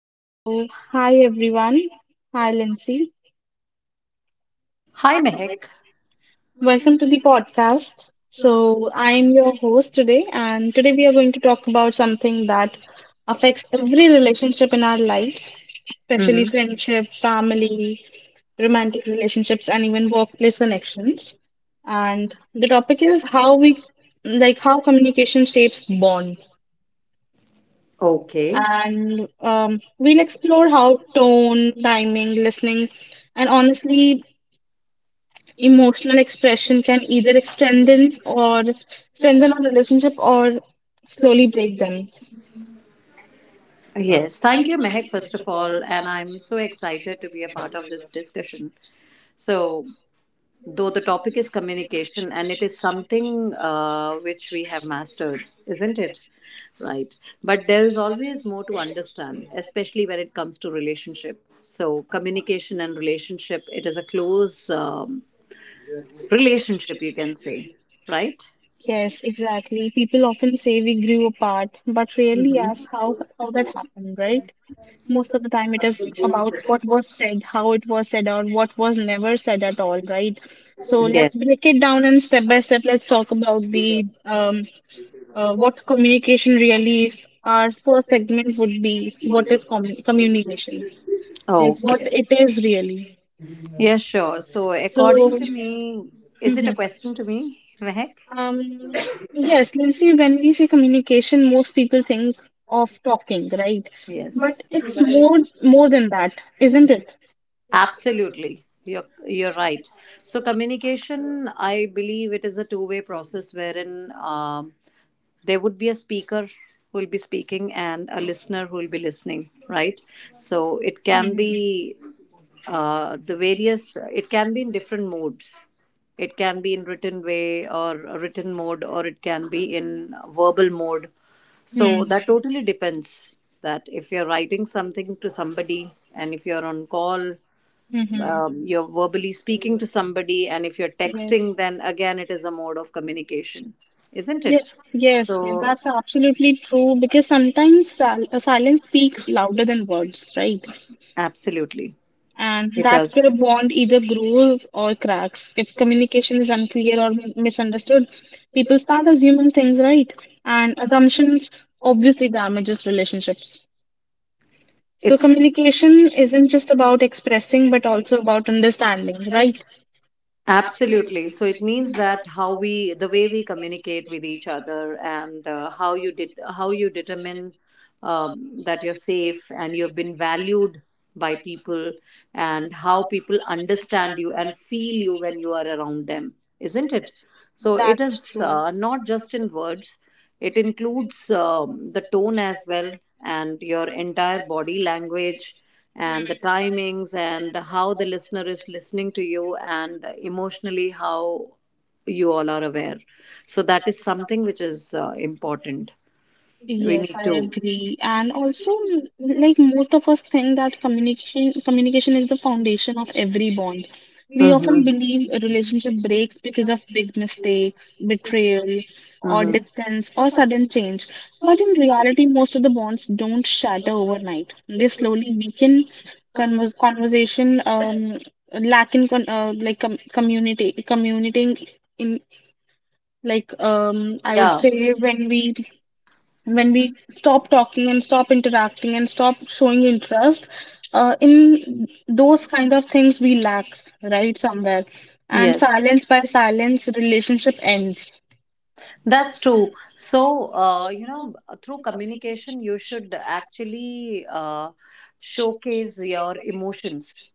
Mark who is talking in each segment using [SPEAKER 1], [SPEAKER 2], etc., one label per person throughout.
[SPEAKER 1] So, hi everyone. Hi Lindsay.
[SPEAKER 2] Hi, Mehek.
[SPEAKER 1] Welcome to the podcast. So, I'm your host today, and today we are going to talk about something that affects every relationship in our lives, especially friendship, family, romantic relationships, and even workplace connections. And the topic is how we how communication shapes bonds.
[SPEAKER 2] Okay.
[SPEAKER 1] And We'll explore how tone, timing, listening, and honestly, emotional expression can either strengthen or strengthen our relationship or slowly break them.
[SPEAKER 2] Yes, thank you, Mehek, first of all. And I'm so excited to be a part of this discussion. So, though the topic is communication, and it is something which we have mastered, isn't it? Right. But there is always more to understand, especially when it comes to relationship. So, communication and relationship, it is a close relationship, you can say, right?
[SPEAKER 1] Yes, exactly. People often say we grew apart, but rarely ask how that happened, right? Most of the time, it is about what was said, how it was said, or what was never said at all, right? So
[SPEAKER 2] Yes.
[SPEAKER 1] let's break it down and step by step. Let's talk about the what communication really is. Our first segment would be what is communication, like what
[SPEAKER 2] Okay.
[SPEAKER 1] it is really.
[SPEAKER 2] Yeah, sure. So,
[SPEAKER 1] So,
[SPEAKER 2] according to me, is it a
[SPEAKER 1] mhm.
[SPEAKER 2] question to me, Mehak?
[SPEAKER 1] um, yes, Lindsay, when we say communication, most people think of talking, right? But
[SPEAKER 2] Yes.
[SPEAKER 1] it's more than that, isn't it?
[SPEAKER 2] Absolutely. You're right. So, communication, I believe it is a two-way process wherein there would be a speaker who will be speaking and a listener who will be listening, right. So it can
[SPEAKER 1] Mhm.
[SPEAKER 2] be the various it can be in different modes. It can be in written way or a written mode, or it can be in verbal mode. So
[SPEAKER 1] Hmm.
[SPEAKER 2] that totally depends. That if you're writing something to somebody, and if you're on call,
[SPEAKER 1] Mhm.
[SPEAKER 2] you're verbally speaking to somebody, and if you're
[SPEAKER 1] Yes.
[SPEAKER 2] texting, then again it is a mode of communication, isn't it?
[SPEAKER 1] Yes, yes, yes,
[SPEAKER 2] So
[SPEAKER 1] that's absolutely true because sometimes silence speaks louder than words, right?
[SPEAKER 2] absolutely
[SPEAKER 1] And
[SPEAKER 2] it
[SPEAKER 1] that's where a
[SPEAKER 2] does.
[SPEAKER 1] bond either grows or cracks. If communication is unclear or misunderstood, people start assuming things, right? And assumptions obviously damages relationships. So
[SPEAKER 2] It's
[SPEAKER 1] communication isn't just about expressing, but also about understanding, right?
[SPEAKER 2] Absolutely. So it means that the way we communicate with each other, and how you did, how you determine that you're safe and you've been valued by people, and how people understand you and feel you when you are around them, isn't it? So it
[SPEAKER 1] That's
[SPEAKER 2] is
[SPEAKER 1] true.
[SPEAKER 2] not just in words. It includes the tone as well, and your entire body language, and the timings, and how the listener is listening to you, and emotionally how you all are aware. So, that is something which is important. We
[SPEAKER 1] Yes,
[SPEAKER 2] need
[SPEAKER 1] I
[SPEAKER 2] to.
[SPEAKER 1] agree. And also, most of us think that communication is the foundation of every bond. We
[SPEAKER 2] Mhm.
[SPEAKER 1] often believe a relationship breaks because of big mistakes, betrayal, or
[SPEAKER 2] Mhm.
[SPEAKER 1] distance, or sudden change. But in reality, most of the bonds don't shatter overnight. They slowly weaken. Conversation, lack in con like com community communicating in I would,
[SPEAKER 2] Yeah.
[SPEAKER 1] yeah, say when we stop talking and stop interacting and stop showing interest in those kind of things we lacks right somewhere, and
[SPEAKER 2] Yes.
[SPEAKER 1] silence by silence relationship ends.
[SPEAKER 2] That's true. So, you know, through communication, you should actually showcase your emotions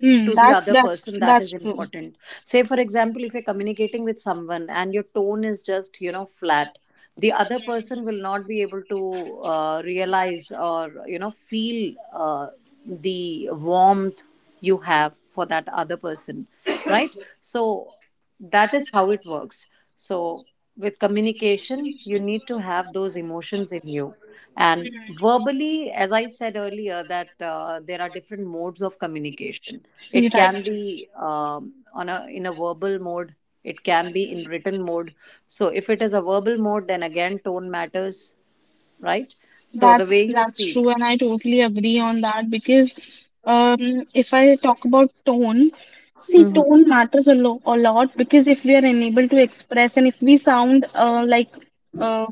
[SPEAKER 1] Hmm,
[SPEAKER 2] to the
[SPEAKER 1] that's
[SPEAKER 2] other
[SPEAKER 1] that's
[SPEAKER 2] person. That is
[SPEAKER 1] that's true.
[SPEAKER 2] important. Say, for example, if you're communicating with someone and your tone is just, you know, flat, the other person will not be able to realize or you know feel the warmth you have for that other person, right? So that is how it works. So with communication you need to have those emotions in you. And verbally, as I said earlier, that there are different modes of communication.
[SPEAKER 1] You're
[SPEAKER 2] It
[SPEAKER 1] right.
[SPEAKER 2] can be on a in a verbal mode, it can be in written mode. So if it is a verbal mode, then again tone matters, right? So the
[SPEAKER 1] That's
[SPEAKER 2] way you
[SPEAKER 1] that's
[SPEAKER 2] speak.
[SPEAKER 1] true, and I totally agree on that because if I talk about tone, see,
[SPEAKER 2] Mhm.
[SPEAKER 1] tone matters a lot because if we are unable to express and if we sound like uh,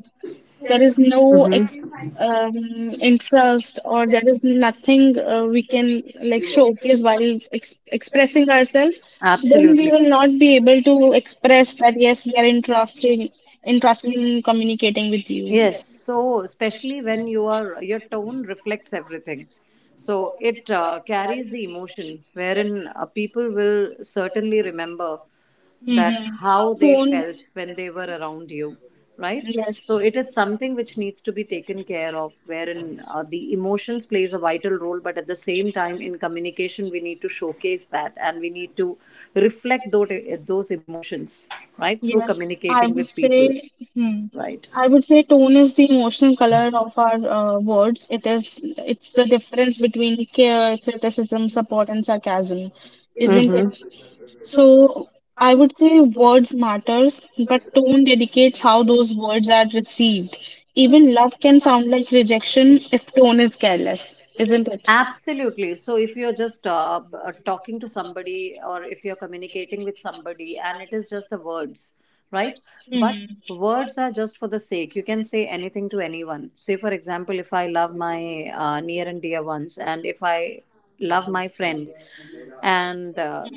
[SPEAKER 1] there is no ex interest or there is nothing we can like
[SPEAKER 2] Mhm.
[SPEAKER 1] showcase while ex expressing ourselves, then we
[SPEAKER 2] Absolutely.
[SPEAKER 1] will not be able to express that yes, we are interested in communicating with you.
[SPEAKER 2] Yes, so especially when you are your tone reflects everything. So it carries the emotion wherein people will certainly remember that
[SPEAKER 1] Mm-hmm.
[SPEAKER 2] how they
[SPEAKER 1] Phone.
[SPEAKER 2] felt when they were around you, right?
[SPEAKER 1] Yes.
[SPEAKER 2] So it is something which needs to be taken care of wherein the emotions plays a vital role, but at the same time in communication we need to showcase that, and we need to reflect those emotions, right? Through
[SPEAKER 1] Yes, I
[SPEAKER 2] communicating with
[SPEAKER 1] would
[SPEAKER 2] people,
[SPEAKER 1] say, hmm,
[SPEAKER 2] right.
[SPEAKER 1] I would say tone is the emotional color of our words. It's the difference between care, criticism, support, and sarcasm, isn't
[SPEAKER 2] Mm-hmm.
[SPEAKER 1] it? So I would say words matters, but tone dedicates how those words are received. Even love can sound like rejection if tone is careless, isn't it?
[SPEAKER 2] Absolutely. So, if you're just talking to somebody, or if you're communicating with somebody and it is just the words, right? Mm. But
[SPEAKER 1] Hmm.
[SPEAKER 2] words are just for the sake. You can say anything to anyone. Say, for example, if I love my near and dear ones, and if I love my friend, and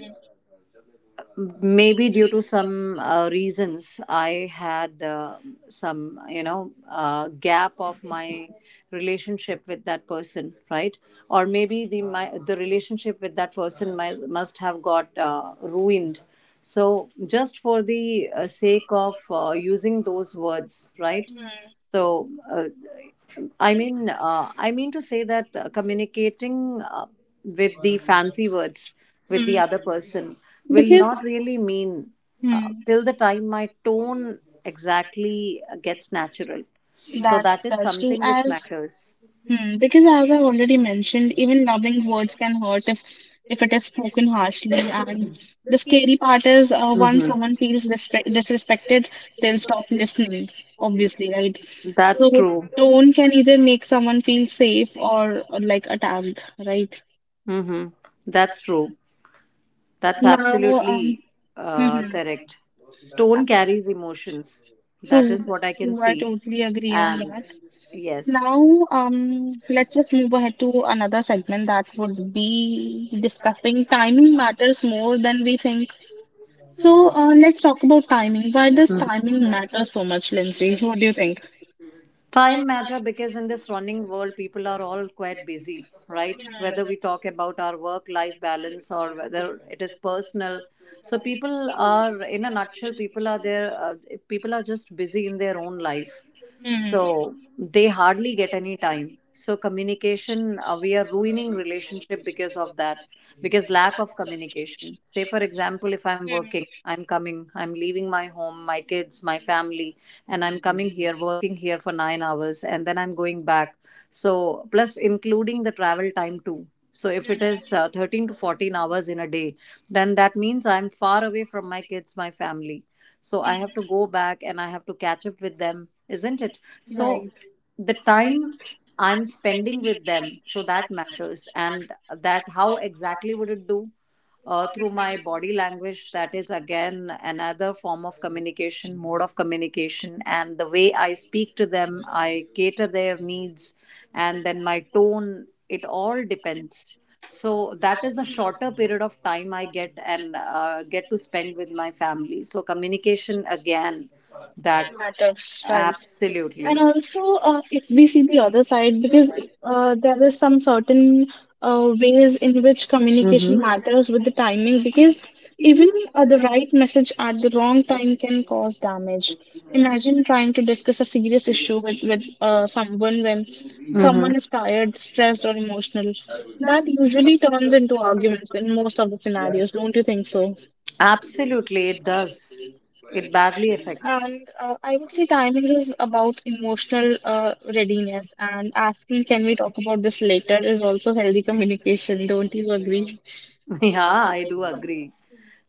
[SPEAKER 2] maybe due to some reasons I had some, you know, gap of my relationship with that person, right? Or maybe the relationship with that person must have got ruined. So just for the sake of using those words, right? So I mean to say that communicating with the fancy words with
[SPEAKER 1] Hmm.
[SPEAKER 2] the other person will
[SPEAKER 1] Because
[SPEAKER 2] not really mean,
[SPEAKER 1] hmm,
[SPEAKER 2] till the time my tone exactly gets natural. So
[SPEAKER 1] that
[SPEAKER 2] that is
[SPEAKER 1] that's true.
[SPEAKER 2] something which
[SPEAKER 1] As
[SPEAKER 2] matters.
[SPEAKER 1] hmm, because as I've already mentioned, even loving words can hurt if it is spoken harshly. And the scary part is, once
[SPEAKER 2] Mhm.
[SPEAKER 1] someone feels disrespected, they'll stop listening. Obviously, right?
[SPEAKER 2] That's
[SPEAKER 1] So
[SPEAKER 2] true.
[SPEAKER 1] tone can either make someone feel safe or like attacked, right?
[SPEAKER 2] Mm-hmm. That's true. That's
[SPEAKER 1] Now,
[SPEAKER 2] absolutely
[SPEAKER 1] mhm.
[SPEAKER 2] correct. Tone carries emotions. That
[SPEAKER 1] True,
[SPEAKER 2] is what I can
[SPEAKER 1] true. I
[SPEAKER 2] see.
[SPEAKER 1] totally agree on
[SPEAKER 2] And
[SPEAKER 1] that.
[SPEAKER 2] yes.
[SPEAKER 1] Now, let's just move ahead to another segment that would be discussing timing matters more than we think. So, let's talk about timing. Why does
[SPEAKER 2] Mhm.
[SPEAKER 1] timing matter so much, Lindsay? What do you think?
[SPEAKER 2] Time matter because in this running world people are all quite busy, right? Whether we talk about our work life balance or whether it is personal. So people are, in a nutshell, people are there, people are just busy in their own life.
[SPEAKER 1] Hmm.
[SPEAKER 2] So they hardly get any time. So communication, we are ruining relationship because of that, because lack of communication. Say for example, if I'm working, I'm coming, I'm leaving my home, my kids, my family, and I'm coming here, working here for 9 hours, and then I'm going back. So plus including the travel time too. So if it is 13 to 14 hours in a day, then that means I'm far away from my kids, my family. So I have to go back and I have to catch up with them, isn't it? So
[SPEAKER 1] Right.
[SPEAKER 2] right, the time I'm spending with them, so that matters. And that how exactly would it do? Through my body language, that is again another form of communication, mode of communication, and the way I speak to them, I cater their needs, and then my tone, it all depends. So that is the shorter period of time I get and get to spend with my family. So communication again, that.
[SPEAKER 1] Matters, right. And
[SPEAKER 2] Absolutely.
[SPEAKER 1] also, if we see the other side, because there is some certain ways in which communication
[SPEAKER 2] Mm-hmm.
[SPEAKER 1] matters with the timing, because even the right message at the wrong time can cause damage. Imagine trying to discuss a serious issue with someone when
[SPEAKER 2] Mm-hmm.
[SPEAKER 1] someone is tired, stressed, or emotional. That usually turns into arguments in most of the scenarios, don't you think so?
[SPEAKER 2] Absolutely, it does. It badly affects.
[SPEAKER 1] And I would say timing is about emotional readiness, and asking, can we talk about this later, is also healthy communication. Don't you agree?
[SPEAKER 2] Yeah, I do agree.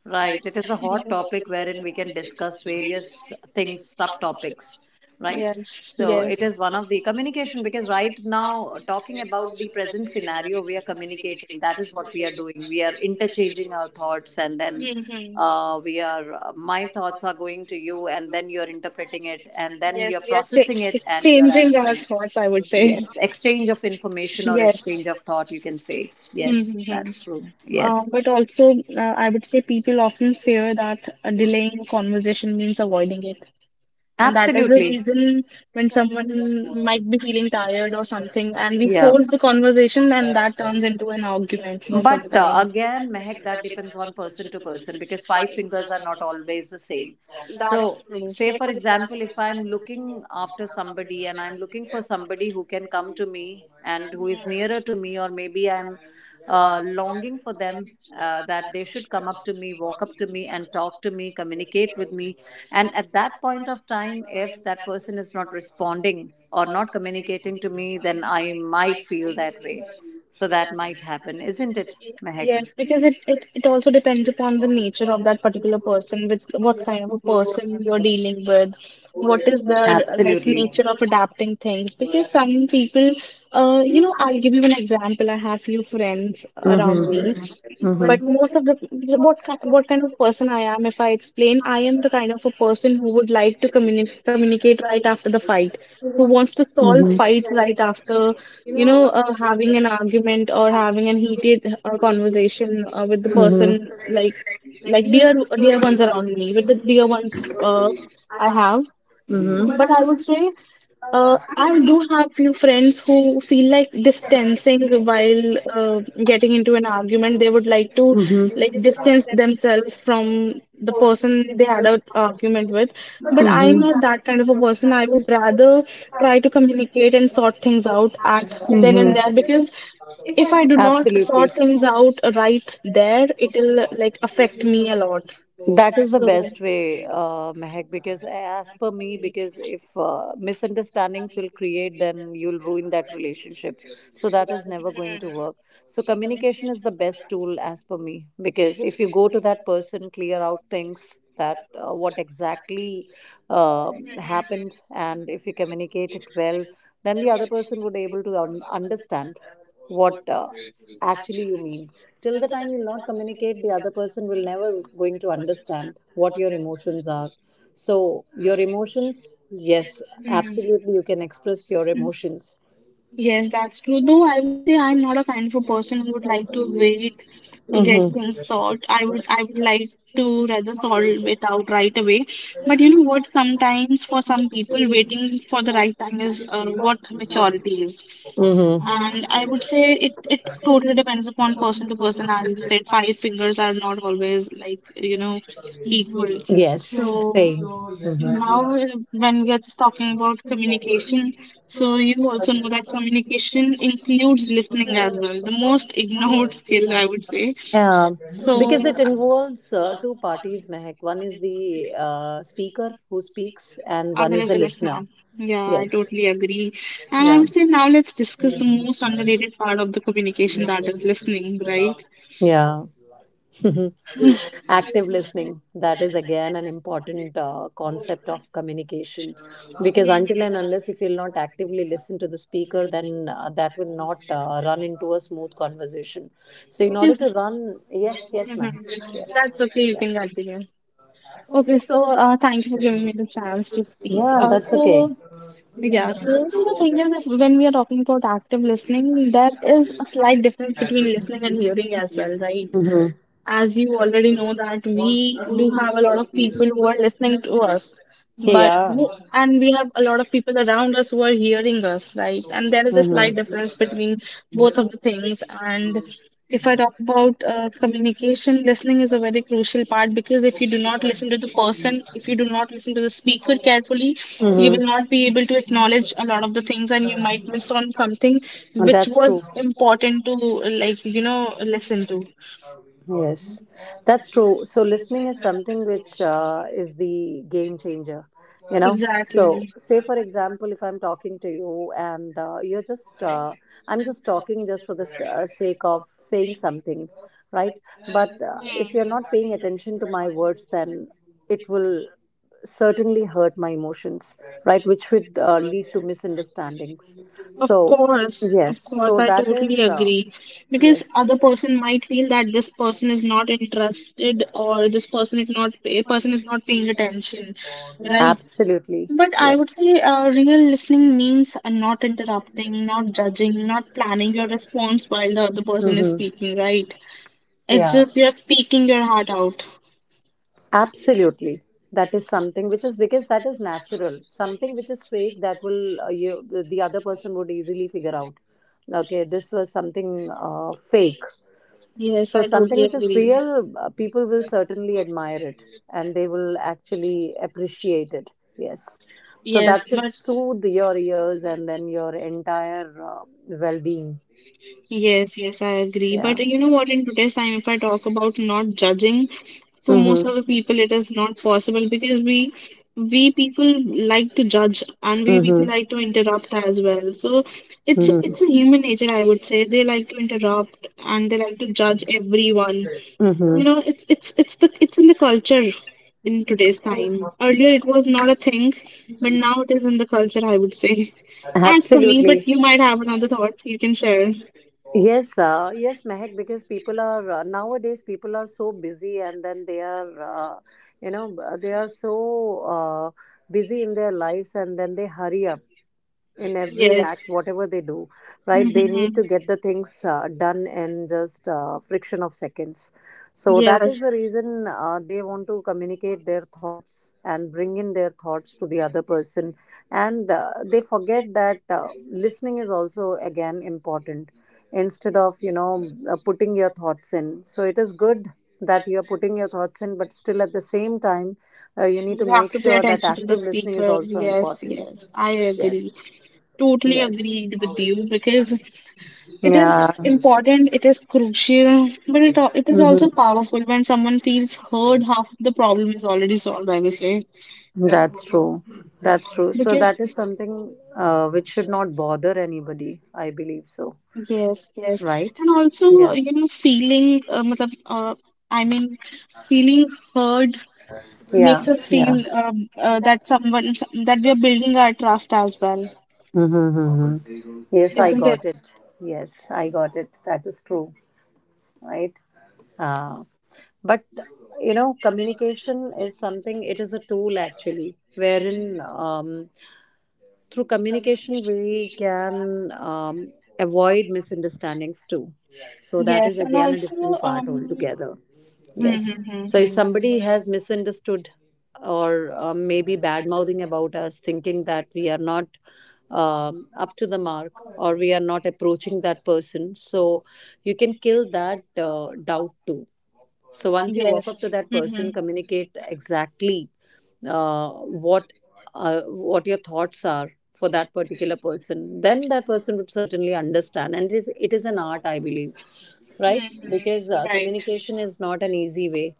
[SPEAKER 2] Right. It is a hot topic wherein we can discuss various things, subtopics,
[SPEAKER 1] Mhm.
[SPEAKER 2] right?
[SPEAKER 1] Yes,
[SPEAKER 2] So
[SPEAKER 1] yes.
[SPEAKER 2] it is one of the communication because right now, talking about the present scenario, we are communicating. That is what we are doing. We are interchanging our thoughts and then
[SPEAKER 1] Mhm.
[SPEAKER 2] my thoughts are going to you, and then you're interpreting it, and then
[SPEAKER 1] Yes,
[SPEAKER 2] you're
[SPEAKER 1] we are
[SPEAKER 2] processing it,
[SPEAKER 1] it's
[SPEAKER 2] and you're
[SPEAKER 1] changing our
[SPEAKER 2] answering.
[SPEAKER 1] thoughts, I would say.
[SPEAKER 2] Yes. Exchange of information or
[SPEAKER 1] Yes.
[SPEAKER 2] exchange of thought, you can say. Yes, that's
[SPEAKER 1] Mm-hmm.
[SPEAKER 2] true. Yes.
[SPEAKER 1] But also, I would say people often fear that delaying conversation means avoiding it. And that is the
[SPEAKER 2] Absolutely.
[SPEAKER 1] reason when someone might be feeling tired or something, and we
[SPEAKER 2] Yeah.
[SPEAKER 1] force the conversation, and that turns into an argument most of
[SPEAKER 2] But
[SPEAKER 1] the time.
[SPEAKER 2] again, Mehak, that depends on person to person because five fingers are not always the same. So say for example, if I'm looking after somebody, and I'm looking for somebody who can come to me and who is nearer to me,
[SPEAKER 1] That's
[SPEAKER 2] or maybe I'm
[SPEAKER 1] true.
[SPEAKER 2] longing for them, that they should come up to me, walk up to me and talk to me, communicate with me, and at that point of time, if that person is not responding or not communicating to me, then I might feel that way. So that might happen, isn't it, Mehak?
[SPEAKER 1] Yes, because it also depends upon the nature of that particular person, with what kind of a person you're dealing with, what is their
[SPEAKER 2] Absolutely.
[SPEAKER 1] nature of adapting things. Because some people you know, I'll give you an example. I have few friends around me,
[SPEAKER 2] Mm-hmm.
[SPEAKER 1] but most of the what kind of person I am, if I explain, I am the kind of a person who would like to communicate right after the fight, who wants to solve fights right after, you know, having an argument or having an heated conversation with the person like dear ones around me, with the dear ones I have. But I would say I do have few friends who feel like distancing while getting into an argument. They would like to
[SPEAKER 2] Mm-hmm.
[SPEAKER 1] distance themselves from the person they had an argument with. But I'm
[SPEAKER 2] Mm-hmm.
[SPEAKER 1] not that kind of a person. I would rather try to communicate and sort things out at then and there
[SPEAKER 2] Mm-hmm.
[SPEAKER 1] because if I do not
[SPEAKER 2] Absolutely.
[SPEAKER 1] sort things out right there, it'll like affect me a lot.
[SPEAKER 2] That is the best way, Mehak, because as per me, because if misunderstandings will create, then you'll ruin that relationship. So that is never going to work. So communication is the best tool as per me, because if you go to that person, clear out things, that what exactly happened, and if you communicate it well, then the other person would able to understand what actually you mean. Till
[SPEAKER 1] Do
[SPEAKER 2] the time you'll not communicate, the other
[SPEAKER 1] with.
[SPEAKER 2] person will never going to understand what your emotions are. So your emotions, yes,
[SPEAKER 1] Mm.
[SPEAKER 2] absolutely, you can express your emotions.
[SPEAKER 1] Yes, that's true. Though
[SPEAKER 2] Mm-hmm.
[SPEAKER 1] I would say I'm not a kind of a person who would like to wait to get things solved. I would like to rather solve it out right away. But you know what? Sometimes for some people, waiting for the right time is what maturity is.
[SPEAKER 2] Mm-hmm.
[SPEAKER 1] And I would say it totally depends upon person to person. As you said, five fingers are not always like, you know, equal.
[SPEAKER 2] Yes.
[SPEAKER 1] So
[SPEAKER 2] Same.
[SPEAKER 1] now when we are just talking about communication, so you also know that
[SPEAKER 2] Mhm.
[SPEAKER 1] communication includes listening as well, the most ignored skill, I would say.
[SPEAKER 2] Um,
[SPEAKER 1] So
[SPEAKER 2] because it involves two parties, Mehak. One is the speaker who speaks, and one
[SPEAKER 1] other
[SPEAKER 2] is the
[SPEAKER 1] levels
[SPEAKER 2] listener.
[SPEAKER 1] now. Yeah, I
[SPEAKER 2] Yes.
[SPEAKER 1] totally agree. And I
[SPEAKER 2] Yeah.
[SPEAKER 1] would say now let's discuss the most underrated part of the communication that is listening, right?
[SPEAKER 2] Yeah. Active listening. That is again an important concept of communication. Because until and unless if you'll not actively listen to the speaker, then that will not run into a smooth conversation. So, in order
[SPEAKER 1] Because
[SPEAKER 2] to run, yes, yes,
[SPEAKER 1] mhm.
[SPEAKER 2] Mehak. Yes.
[SPEAKER 1] That's okay, you
[SPEAKER 2] Yeah.
[SPEAKER 1] can continue. Okay, so thank you for giving me the chance to speak.
[SPEAKER 2] Yeah,
[SPEAKER 1] Uh,
[SPEAKER 2] that's okay.
[SPEAKER 1] so, yeah, so, so the thing is, if, when we are talking about active listening, there is a slight difference between listening and hearing as well, right?
[SPEAKER 2] Mm-hmm.
[SPEAKER 1] As you already know, that we do have a lot of people who are listening to us. But
[SPEAKER 2] Yeah.
[SPEAKER 1] who, and we have a lot of people around us who are hearing us, right? And there is a
[SPEAKER 2] Mhm.
[SPEAKER 1] slight difference between both of the things. And if I talk about communication, listening is a very crucial part because if you do not listen to the person, if you do not listen to the speaker carefully, you
[SPEAKER 2] Mhm.
[SPEAKER 1] will not be able to acknowledge a lot of the things and you might miss on something
[SPEAKER 2] And
[SPEAKER 1] which
[SPEAKER 2] that's
[SPEAKER 1] was
[SPEAKER 2] true.
[SPEAKER 1] important to, like, you know, listen to.
[SPEAKER 2] Yes, that's true. So listening is something which is the game changer, you know. So
[SPEAKER 1] Exactly.
[SPEAKER 2] say for example, if I'm talking to you, and you're just, I'm just talking just for the sake of saying something, right? But if you're not paying attention to my words, then it will certainly hurt my emotions, right? Which would lead to misunderstandings. So yes,
[SPEAKER 1] Of course,
[SPEAKER 2] so
[SPEAKER 1] I
[SPEAKER 2] that
[SPEAKER 1] totally
[SPEAKER 2] is.
[SPEAKER 1] agree. Because
[SPEAKER 2] Yes.
[SPEAKER 1] other person might feel that this person is not interested or this person is not paying attention, right?
[SPEAKER 2] Absolutely.
[SPEAKER 1] But I would
[SPEAKER 2] Yes.
[SPEAKER 1] say real listening means
[SPEAKER 2] Mhm.
[SPEAKER 1] not interrupting, not judging, not planning your response while the other person is speaking, right? It's just you're speaking your heart out.
[SPEAKER 2] Absolutely. That is something which is, because that is natural. Something which is fake, that will you, the other person would easily figure out. Okay, this was something fake.
[SPEAKER 1] Yes,
[SPEAKER 2] So
[SPEAKER 1] I
[SPEAKER 2] something
[SPEAKER 1] totally
[SPEAKER 2] which is
[SPEAKER 1] agree.
[SPEAKER 2] real, people will certainly admire it, and they will actually appreciate it. Yes. So
[SPEAKER 1] Yes,
[SPEAKER 2] that should
[SPEAKER 1] but
[SPEAKER 2] soothe your ears and then your entire well being.
[SPEAKER 1] yes, yes, I agree.
[SPEAKER 2] Yeah.
[SPEAKER 1] But you know what, in today's time, if I talk about not judging, for most of the people, it
[SPEAKER 2] Mm-hmm.
[SPEAKER 1] is not possible because we people like to judge and we
[SPEAKER 2] Mm-hmm.
[SPEAKER 1] people like to interrupt as well. So it's a human nature, I would say. They like to interrupt and they like to judge
[SPEAKER 2] Mm-hmm.
[SPEAKER 1] everyone. You know,
[SPEAKER 2] Mm-hmm.
[SPEAKER 1] it's in the culture in today's time. Earlier, it was not a thing, but now it is in the culture, I would say. As for me, but
[SPEAKER 2] Absolutely.
[SPEAKER 1] you might have another thought you can share.
[SPEAKER 2] Yes, yes, Mehak, because people are nowadays people are so busy, and then they are, you know, b- they are so busy in their lives, and then they hurry up in every
[SPEAKER 1] Yes.
[SPEAKER 2] act whatever they do. Right, they need
[SPEAKER 1] Hmm.
[SPEAKER 2] to get the things done in just friction of seconds. So that is
[SPEAKER 1] Yes.
[SPEAKER 2] the reason they want to communicate their thoughts and bring in their thoughts to the other person, and they forget that listening is also again important. Instead of putting your thoughts in. So it is good that you are putting your thoughts in, but still at the same time you need to
[SPEAKER 1] You have
[SPEAKER 2] make
[SPEAKER 1] to pay
[SPEAKER 2] sure that
[SPEAKER 1] attention to the
[SPEAKER 2] active listening is
[SPEAKER 1] speaker.
[SPEAKER 2] also
[SPEAKER 1] Yes,
[SPEAKER 2] important.
[SPEAKER 1] yes. I agree.
[SPEAKER 2] Yes.
[SPEAKER 1] Totally
[SPEAKER 2] Yes.
[SPEAKER 1] agreed with you because it is
[SPEAKER 2] Yeah.
[SPEAKER 1] important, it is crucial, but it is
[SPEAKER 2] Hmm.
[SPEAKER 1] also powerful when someone feels heard, half of the problem is already solved, I would say.
[SPEAKER 2] That's true. That's true. So
[SPEAKER 1] Because
[SPEAKER 2] that is something which should not bother anybody. I believe so.
[SPEAKER 1] yes, yes.
[SPEAKER 2] Right?
[SPEAKER 1] And also,
[SPEAKER 2] Yeah.
[SPEAKER 1] you know, feeling, matlab, I mean, feeling heard
[SPEAKER 2] Yeah.
[SPEAKER 1] makes us
[SPEAKER 2] Yeah.
[SPEAKER 1] feel uh, that someone, that we are building our trust as well,
[SPEAKER 2] Mm-hmm, mm-hmm. Yes, I
[SPEAKER 1] isn't it?
[SPEAKER 2] got it. Yes, I got it. That is true. Right? Uh, but, communication is something, it is a tool actually, wherein through communication, we can avoid misunderstandings too. So that is
[SPEAKER 1] Yes. And
[SPEAKER 2] again a
[SPEAKER 1] also,
[SPEAKER 2] different part
[SPEAKER 1] um,
[SPEAKER 2] altogether. Yes. So if somebody has misunderstood or maybe bad mouthing about us, thinking that we are not up to the mark or we are not approaching that person, so you can kill that doubt too. So once you walk
[SPEAKER 1] yes.
[SPEAKER 2] up to that
[SPEAKER 1] Hmm.
[SPEAKER 2] person, communicate exactly uh, what what your thoughts are for that particular person. Then that person would certainly understand, and it is an art, I believe, right?
[SPEAKER 1] Mhm, it is
[SPEAKER 2] Because
[SPEAKER 1] right.
[SPEAKER 2] communication is not an easy way.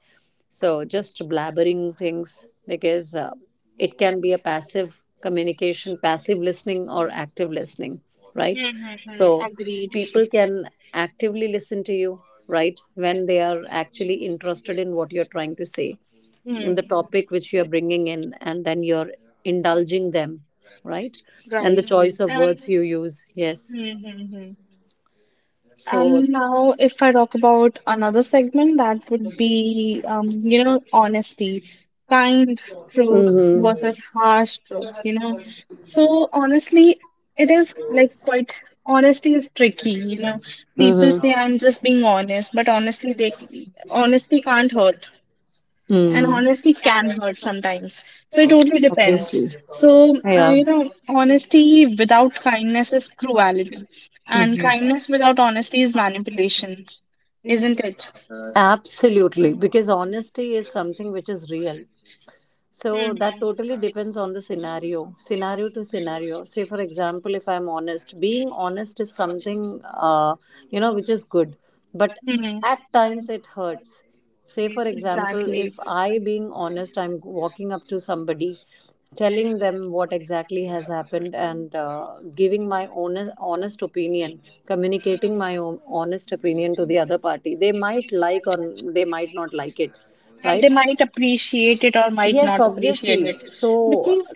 [SPEAKER 2] So just blabbering things because it can be a passive communication, passive listening, or active listening, right?
[SPEAKER 1] Mm,
[SPEAKER 2] So
[SPEAKER 1] agreed.
[SPEAKER 2] people can actively listen to you, right, when they are actually interested in what you're trying to say, in
[SPEAKER 1] Hmm.
[SPEAKER 2] the topic which you are bringing in, and then you're indulging them, right? And the
[SPEAKER 1] Right.
[SPEAKER 2] choice of
[SPEAKER 1] And
[SPEAKER 2] words you use, yes.
[SPEAKER 1] mm-hmm.
[SPEAKER 2] So.
[SPEAKER 1] And now, if I talk about another segment, that would be, you know, honesty, kind truth
[SPEAKER 2] Mhm.
[SPEAKER 1] versus harsh truth, you know. So, honestly, it is like quite, honesty is tricky, you know. People say, I'm just being honest, but honestly, they, honesty can't hurt. And honesty can hurt sometimes, so it totally depends.
[SPEAKER 2] Obviously.
[SPEAKER 1] So you know, honesty without kindness is cruelty, and
[SPEAKER 2] Hmm.
[SPEAKER 1] kindness without honesty is manipulation, isn't it?
[SPEAKER 2] Absolutely. Because honesty is something which is real. So
[SPEAKER 1] Mhm.
[SPEAKER 2] that totally depends on the scenario, scenario to scenario. Say, for example, if I'm honest, being honest is something, which is good, but at times it hurts. Say,
[SPEAKER 1] Mhm,
[SPEAKER 2] for example,
[SPEAKER 1] exactly.
[SPEAKER 2] if I, being honest, I'm walking up to somebody, telling them what exactly has happened and giving my honest, honest opinion, communicating my own honest opinion to the other party, they might like or they might not like it,
[SPEAKER 1] And they
[SPEAKER 2] right?
[SPEAKER 1] might appreciate it or might
[SPEAKER 2] Yes,
[SPEAKER 1] not appreciate
[SPEAKER 2] obviously.
[SPEAKER 1] it,
[SPEAKER 2] So,
[SPEAKER 1] because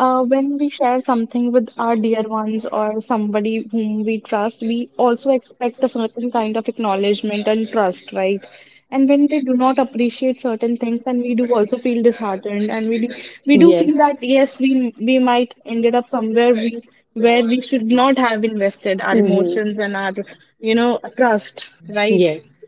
[SPEAKER 1] when we share something with our dear ones or somebody whom we trust, we also expect a certain kind of acknowledgement and trust, right? And when they do not appreciate certain things, then we do also feel disheartened, and we do feel
[SPEAKER 2] yes.
[SPEAKER 1] that yes, we might ended up somewhere we where we should not have invested our
[SPEAKER 2] Hmm.
[SPEAKER 1] emotions and our, you know, trust, right?
[SPEAKER 2] Yes.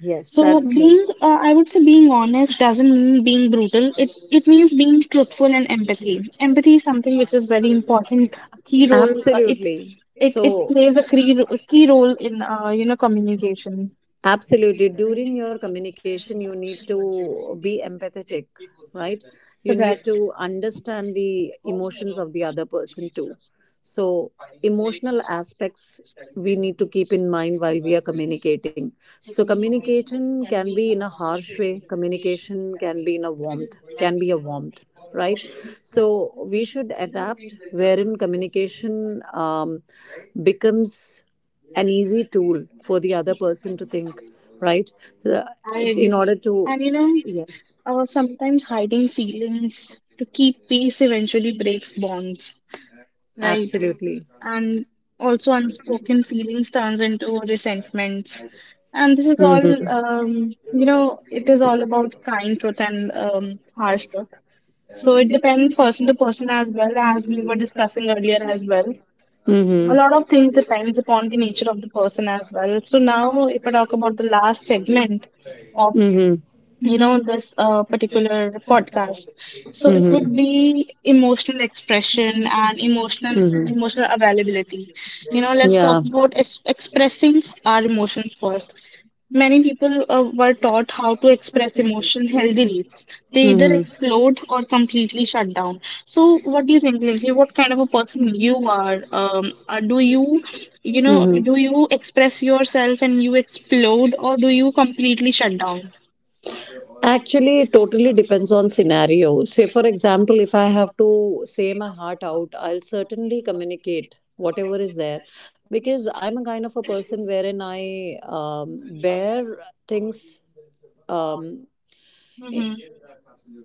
[SPEAKER 2] Yes,
[SPEAKER 1] So
[SPEAKER 2] that's true.
[SPEAKER 1] being, I would say being honest doesn't mean being brutal. It means being truthful and empathy. Empathy is something which is very important, a key role. Uh, it
[SPEAKER 2] Absolutely.
[SPEAKER 1] it it
[SPEAKER 2] So.
[SPEAKER 1] plays a key role in you know, communication.
[SPEAKER 2] Absolutely. During your communication, you need to be empathetic, right? You need
[SPEAKER 1] Correct.
[SPEAKER 2] to understand the emotions of the other person too. So, emotional aspects we need to keep in mind while we are communicating. So, communication can be in a harsh way, communication can be in a warmth, can be a warmth, right? So, we should adapt wherein communication becomes an easy tool for the other person to think, right? The-
[SPEAKER 1] I
[SPEAKER 2] In order to,
[SPEAKER 1] agree. And you know,
[SPEAKER 2] yes,
[SPEAKER 1] sometimes hiding feelings to keep peace eventually breaks bonds, right?
[SPEAKER 2] absolutely.
[SPEAKER 1] And also unspoken feelings turns into resentments, and this is all you know, it is all about kind truth and harsh truth. So it depends person to person, as well as we were discussing earlier as well. A
[SPEAKER 2] Hmm.
[SPEAKER 1] lot of things depends upon the nature of the person as well. So now if I talk about the last segment of,
[SPEAKER 2] Hmm.
[SPEAKER 1] you know, this particular podcast, so it would be emotional expression and
[SPEAKER 2] Hmm. Hmm.
[SPEAKER 1] emotional availability. You know, let's talk
[SPEAKER 2] Yeah.
[SPEAKER 1] about expressing our emotions first. Many people were taught how to express emotion
[SPEAKER 2] Mhm.
[SPEAKER 1] healthily. They either explode or completely shut down. So what do you think, Lindsay, what kind of a person you are? Do you, you know,
[SPEAKER 2] Mhm.
[SPEAKER 1] do you express yourself and you explode, or do you completely shut down?
[SPEAKER 2] Actually, it totally depends on scenario. Say, for example, if I have to say my heart out, I'll certainly communicate whatever is there because I'm a kind of a person wherein I bear things. Um,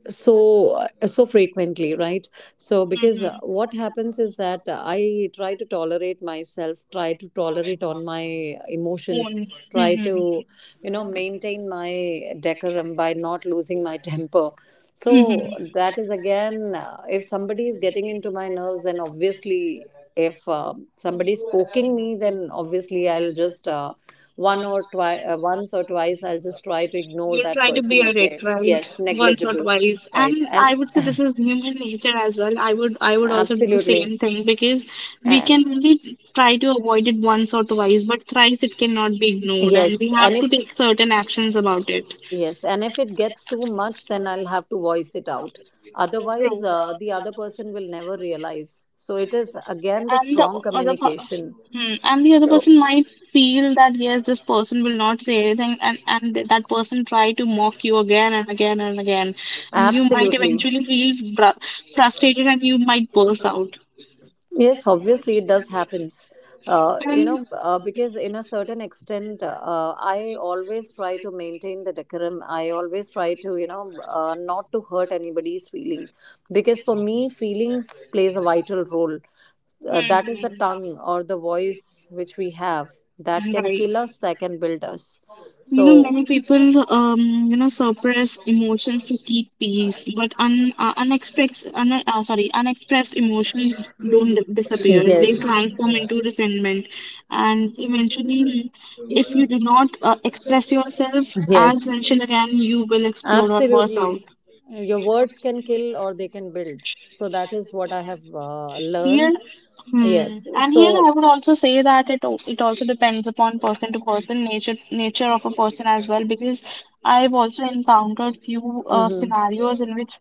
[SPEAKER 2] so frequently, right? So because what happens is that I try to tolerate myself, try to tolerate on my emotions,
[SPEAKER 1] On.
[SPEAKER 2] try to maintain my decorum by not losing my temper. So
[SPEAKER 1] Mhm.
[SPEAKER 2] that is again, if somebody is getting into my nerves, then obviously, if somebody is poking me, then obviously I'll just once or twice, I'll just try to ignore
[SPEAKER 1] You'll
[SPEAKER 2] that
[SPEAKER 1] try to
[SPEAKER 2] person.
[SPEAKER 1] bear
[SPEAKER 2] Okay,
[SPEAKER 1] it, right?
[SPEAKER 2] yes,
[SPEAKER 1] Once or
[SPEAKER 2] negligible,
[SPEAKER 1] twice.
[SPEAKER 2] right?
[SPEAKER 1] And
[SPEAKER 2] And
[SPEAKER 1] I would say this is human nature as well. I would also do the
[SPEAKER 2] absolutely,
[SPEAKER 1] same thing, because we
[SPEAKER 2] and
[SPEAKER 1] can only try to avoid it once or twice, but thrice it cannot be ignored and we
[SPEAKER 2] yes, and
[SPEAKER 1] have to take certain actions about it.
[SPEAKER 2] if it gets too much, then I'll have to voice it out. Otherwise,
[SPEAKER 1] True.
[SPEAKER 2] the other person will never realize. So it is again the
[SPEAKER 1] And the
[SPEAKER 2] strong
[SPEAKER 1] other per-
[SPEAKER 2] communication.
[SPEAKER 1] Hmm, and the other
[SPEAKER 2] So,
[SPEAKER 1] person might feel that yes, this person will not say anything, and that person try to mock you again and again and again, and you might
[SPEAKER 2] absolutely.
[SPEAKER 1] eventually feel frustrated and you might burst out.
[SPEAKER 2] Yes, obviously it does happens.
[SPEAKER 1] And
[SPEAKER 2] Because in a certain extent, I always try to maintain the decorum. I always try to, not to hurt anybody's feeling, because for me, feelings plays a vital role. That is the
[SPEAKER 1] hmm,
[SPEAKER 2] tongue or the voice which we have that
[SPEAKER 1] hmm,
[SPEAKER 2] can
[SPEAKER 1] right.
[SPEAKER 2] kill us, that can build us.
[SPEAKER 1] You know,
[SPEAKER 2] So,
[SPEAKER 1] many people, you know, suppress emotions to keep peace, but unexpressed, sorry, unexpressed emotions don't disappear. They
[SPEAKER 2] yes.
[SPEAKER 1] transform into resentment, and eventually, if you do not express yourself, as
[SPEAKER 2] Yes,
[SPEAKER 1] mentioned again, you will explode or burst
[SPEAKER 2] absolutely.
[SPEAKER 1] out.
[SPEAKER 2] Your words can kill or they can build. So that is what I have
[SPEAKER 1] Here,
[SPEAKER 2] learned.
[SPEAKER 1] hmm,
[SPEAKER 2] Yes.
[SPEAKER 1] and here I
[SPEAKER 2] So.
[SPEAKER 1] would also say that it also depends upon person to person, nature of a person as well, because I've also encountered few scenarios in which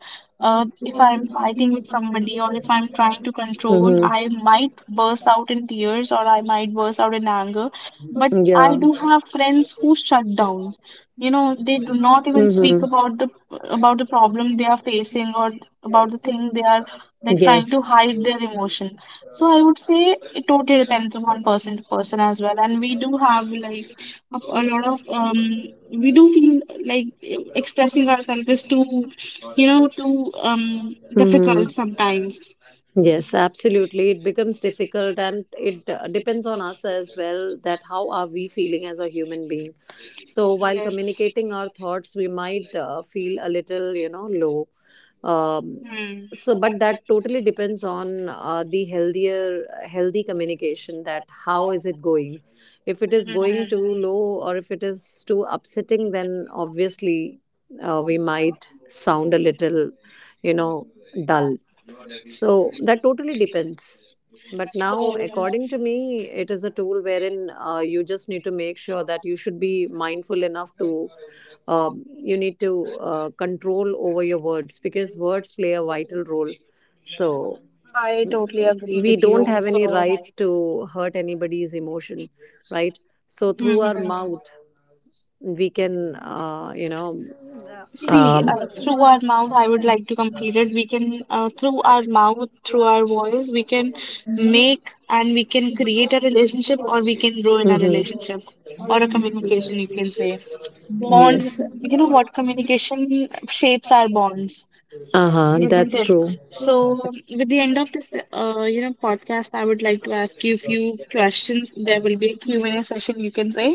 [SPEAKER 1] uh, if I'm fighting with somebody or if I'm trying to control, I might burst out in tears or I might burst out in anger, but I do have friends who shut down. You know, they do not even speak about the problem they are facing, or about the thing they are, like, trying to hide their emotion. So I would say it totally depends upon person to person as well. And we do have, like, a lot of um, we do feel, like, expressing ourselves is too, you know, too
[SPEAKER 2] Hmm.
[SPEAKER 1] difficult sometimes.
[SPEAKER 2] Yes, absolutely. It becomes difficult, and it depends on us as well that how are we feeling as a human being. So while communicating our thoughts, we might feel a little,
[SPEAKER 1] Yes. Hmm.
[SPEAKER 2] low. Um, but that totally depends on the healthier healthy communication that how is it going. If it is going too low or if it is too upsetting, then obviously we might sound a little, you know dull, so that totally depends. But
[SPEAKER 1] So,
[SPEAKER 2] now, according to me, it is a tool wherein you just need to make sure that you should be mindful enough to, you need to control over your words because words play a vital role. So
[SPEAKER 1] I totally agree
[SPEAKER 2] we
[SPEAKER 1] with
[SPEAKER 2] don't
[SPEAKER 1] you.
[SPEAKER 2] have any
[SPEAKER 1] So,
[SPEAKER 2] right to hurt anybody's emotion, right? So through
[SPEAKER 1] hmm.
[SPEAKER 2] our mouth, we can,
[SPEAKER 1] See,
[SPEAKER 2] um,
[SPEAKER 1] through our mouth, I would like to complete it. We can, through our mouth, through our voice, we can make, and we can create a relationship or we can grow in a
[SPEAKER 2] mhm.
[SPEAKER 1] relationship or a communication, you can say. Bond,
[SPEAKER 2] Yes.
[SPEAKER 1] you know what? Communication shapes our bonds.
[SPEAKER 2] Uh huh.
[SPEAKER 1] Isn't
[SPEAKER 2] That's
[SPEAKER 1] it?
[SPEAKER 2] true.
[SPEAKER 1] So, with the end of this, you know, podcast, I would like to ask you a few questions. There will be a Q and A session, you can say.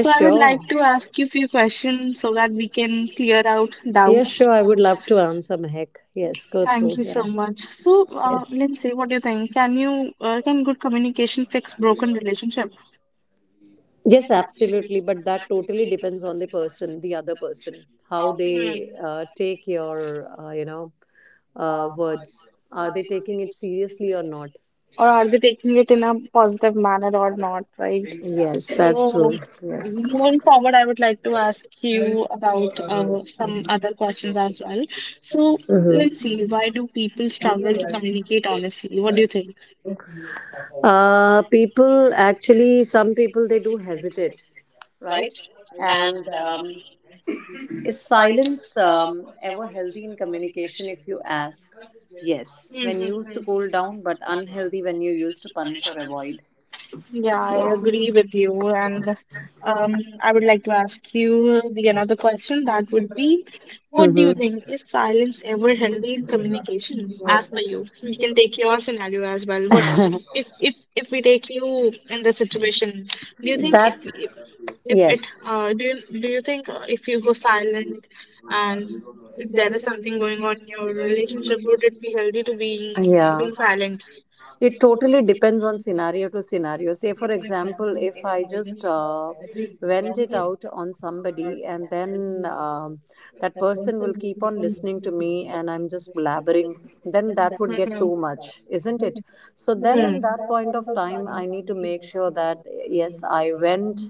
[SPEAKER 1] So, I would like
[SPEAKER 2] Sure.
[SPEAKER 1] to ask you a few questions so that we can clear out
[SPEAKER 2] Yes,
[SPEAKER 1] doubts.
[SPEAKER 2] sure. I would love to answer Mehak. Yes, go
[SPEAKER 1] Thank
[SPEAKER 2] through.
[SPEAKER 1] you so
[SPEAKER 2] Yeah.
[SPEAKER 1] much. So,
[SPEAKER 2] Yes.
[SPEAKER 1] Lindsay, what do you think? Can good communication fix broken relationship,
[SPEAKER 2] Yes, absolutely. But that totally depends on the person, the other person, how they take your, words. Are they taking it seriously or not?
[SPEAKER 1] or are they taking it in a positive manner or not? Right?
[SPEAKER 2] Yes, that's
[SPEAKER 1] So,
[SPEAKER 2] true. Yes.
[SPEAKER 1] moving forward, I would like to ask you about some other questions as well. So, let's see, why do people struggle to communicate honestly? What do you think?
[SPEAKER 2] People actually, some people they do hesitate, right? And is silence ever healthy in communication? If you ask, yes, when used to cool
[SPEAKER 1] Mm-hmm.
[SPEAKER 2] down, but unhealthy when you use to punish or avoid.
[SPEAKER 1] Yeah, I agree with you. And I would like to ask you the another question that would be, what do you think, is silence ever healthy in communication as per you? You can take your scenario as well. What
[SPEAKER 2] Mm-hmm.
[SPEAKER 1] if we take you in the situation, do you think
[SPEAKER 2] That's
[SPEAKER 1] if it
[SPEAKER 2] yes,
[SPEAKER 1] do do you think if you go silent and if there is something going on in your relationship, would it be healthy to
[SPEAKER 2] yeah.
[SPEAKER 1] being silent?
[SPEAKER 2] It totally depends on scenario to scenario. Say, for example, if I just vent it out on somebody and then that person will keep on listening to me and I'm just blabbering, then that would get
[SPEAKER 1] Mhm.
[SPEAKER 2] too much, isn't it? So, then in that point of time, I need to make sure that yes, I went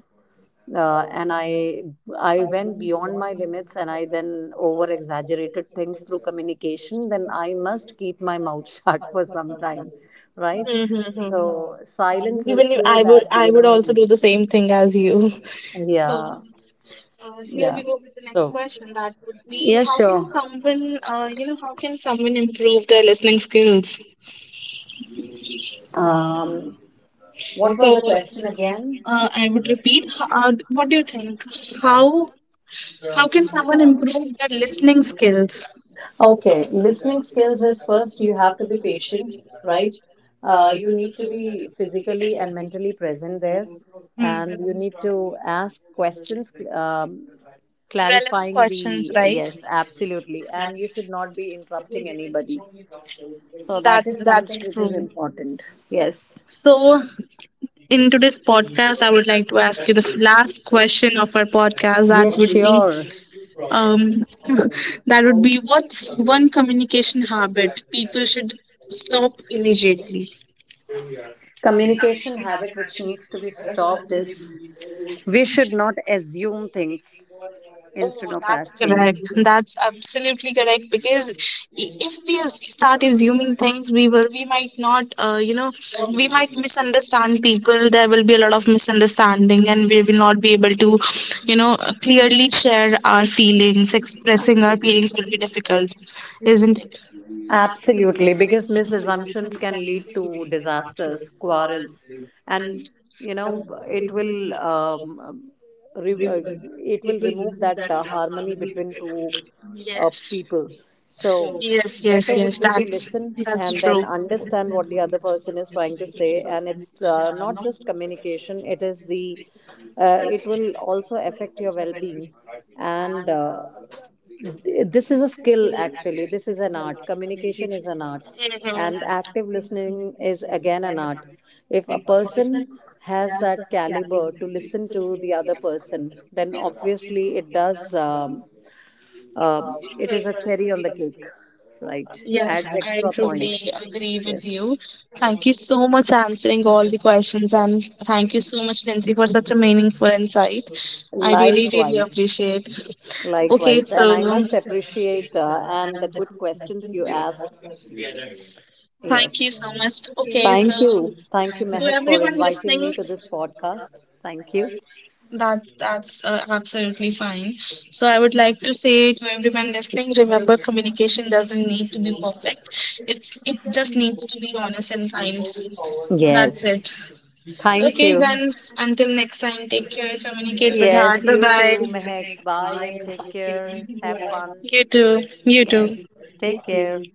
[SPEAKER 2] and I went beyond my limits, and I then over exaggerated things through communication. Then I must keep my mouth shut for some time, right?
[SPEAKER 1] Hmm.
[SPEAKER 2] So silence will
[SPEAKER 1] Even if
[SPEAKER 2] kill
[SPEAKER 1] I
[SPEAKER 2] that,
[SPEAKER 1] would, I
[SPEAKER 2] you
[SPEAKER 1] would
[SPEAKER 2] know.
[SPEAKER 1] also do the same thing as you. So
[SPEAKER 2] Yeah.
[SPEAKER 1] yes. Here we
[SPEAKER 2] Yeah.
[SPEAKER 1] go with the next
[SPEAKER 2] So,
[SPEAKER 1] question. That would be,
[SPEAKER 2] yeah,
[SPEAKER 1] how can
[SPEAKER 2] sure.
[SPEAKER 1] someone, you know, how can someone improve their listening skills?
[SPEAKER 2] um what was
[SPEAKER 1] So,
[SPEAKER 2] the question again?
[SPEAKER 1] I would repeat. What do you think? How how can someone improve their listening skills?
[SPEAKER 2] Okay, listening skills is first you have to be patient, right? You need to be physically and mentally present there,
[SPEAKER 1] Hmm.
[SPEAKER 2] and you need to ask questions,
[SPEAKER 1] Relevant
[SPEAKER 2] clarifying
[SPEAKER 1] questions,
[SPEAKER 2] the
[SPEAKER 1] right?
[SPEAKER 2] yes, absolutely, and you should not be interrupting anybody. So, that is something
[SPEAKER 1] That's
[SPEAKER 2] which
[SPEAKER 1] true.
[SPEAKER 2] is important. Yes.
[SPEAKER 1] So, in today's podcast, I would like to ask you the last question of our podcast. That
[SPEAKER 2] Yes,
[SPEAKER 1] would be,
[SPEAKER 2] sure.
[SPEAKER 1] um, that would be, what's one communication habit people should stop immediately?
[SPEAKER 2] Communication habit which needs to be stopped is we should not assume things instead
[SPEAKER 1] Oh,
[SPEAKER 2] of
[SPEAKER 1] that's
[SPEAKER 2] asking.
[SPEAKER 1] correct. That's absolutely correct, because if we start assuming things, we will, we might not, you know, we might misunderstand people. There will be a lot of misunderstanding, and we will not be able to, you know, clearly share our feelings. Expressing our feelings will be difficult, isn't it?
[SPEAKER 2] Absolutely, because misassumptions can lead to disasters, quarrels, and you know it will um, re- uh, it will remove that harmony between two
[SPEAKER 1] Yes.
[SPEAKER 2] people. So
[SPEAKER 1] Yes,
[SPEAKER 2] better
[SPEAKER 1] yes,
[SPEAKER 2] would
[SPEAKER 1] yes.
[SPEAKER 2] be to listen
[SPEAKER 1] That's
[SPEAKER 2] and then
[SPEAKER 1] true.
[SPEAKER 2] understand what the other person is trying to say, and it's not just communication, it is the, it will also affect your well-being, and this is a skill actually, this is an art. Communication is an art, and active
[SPEAKER 1] Hmm.
[SPEAKER 2] listening is again an art. If a person has that caliber to listen to the other person, then obviously it does. It is a cherry on the cake, right,
[SPEAKER 1] Yes,
[SPEAKER 2] adds extra point.
[SPEAKER 1] agree with
[SPEAKER 2] Yes,
[SPEAKER 1] you. Thank you so much answering all the questions, and thank you so much, Lindsay, for such a meaningful insight. I really, really
[SPEAKER 2] likewise.
[SPEAKER 1] appreciate. Okay,
[SPEAKER 2] Likewise, and
[SPEAKER 1] so
[SPEAKER 2] I must appreciate and the good questions you ask. Yes.
[SPEAKER 1] thank you so much. Okay, so
[SPEAKER 2] Thank you. Thank you,
[SPEAKER 1] to
[SPEAKER 2] Mehak, for
[SPEAKER 1] everyone
[SPEAKER 2] inviting me
[SPEAKER 1] listening,
[SPEAKER 2] to this podcast. Thank you.
[SPEAKER 1] that's absolutely fine. So I would like to say to everyone listening, remember communication doesn't need to be perfect. It just needs to be honest and kind. That's
[SPEAKER 2] Yes.
[SPEAKER 1] it.
[SPEAKER 2] Thank
[SPEAKER 1] Okay,
[SPEAKER 2] you.
[SPEAKER 1] then until next time, take care, communicate with
[SPEAKER 2] Yes,
[SPEAKER 1] heart.
[SPEAKER 2] you
[SPEAKER 1] Bye
[SPEAKER 2] too, Mehak. Bye
[SPEAKER 1] bye.
[SPEAKER 2] and take care. Have fun.
[SPEAKER 1] You too. You
[SPEAKER 2] Yes.
[SPEAKER 1] too.
[SPEAKER 2] Take care.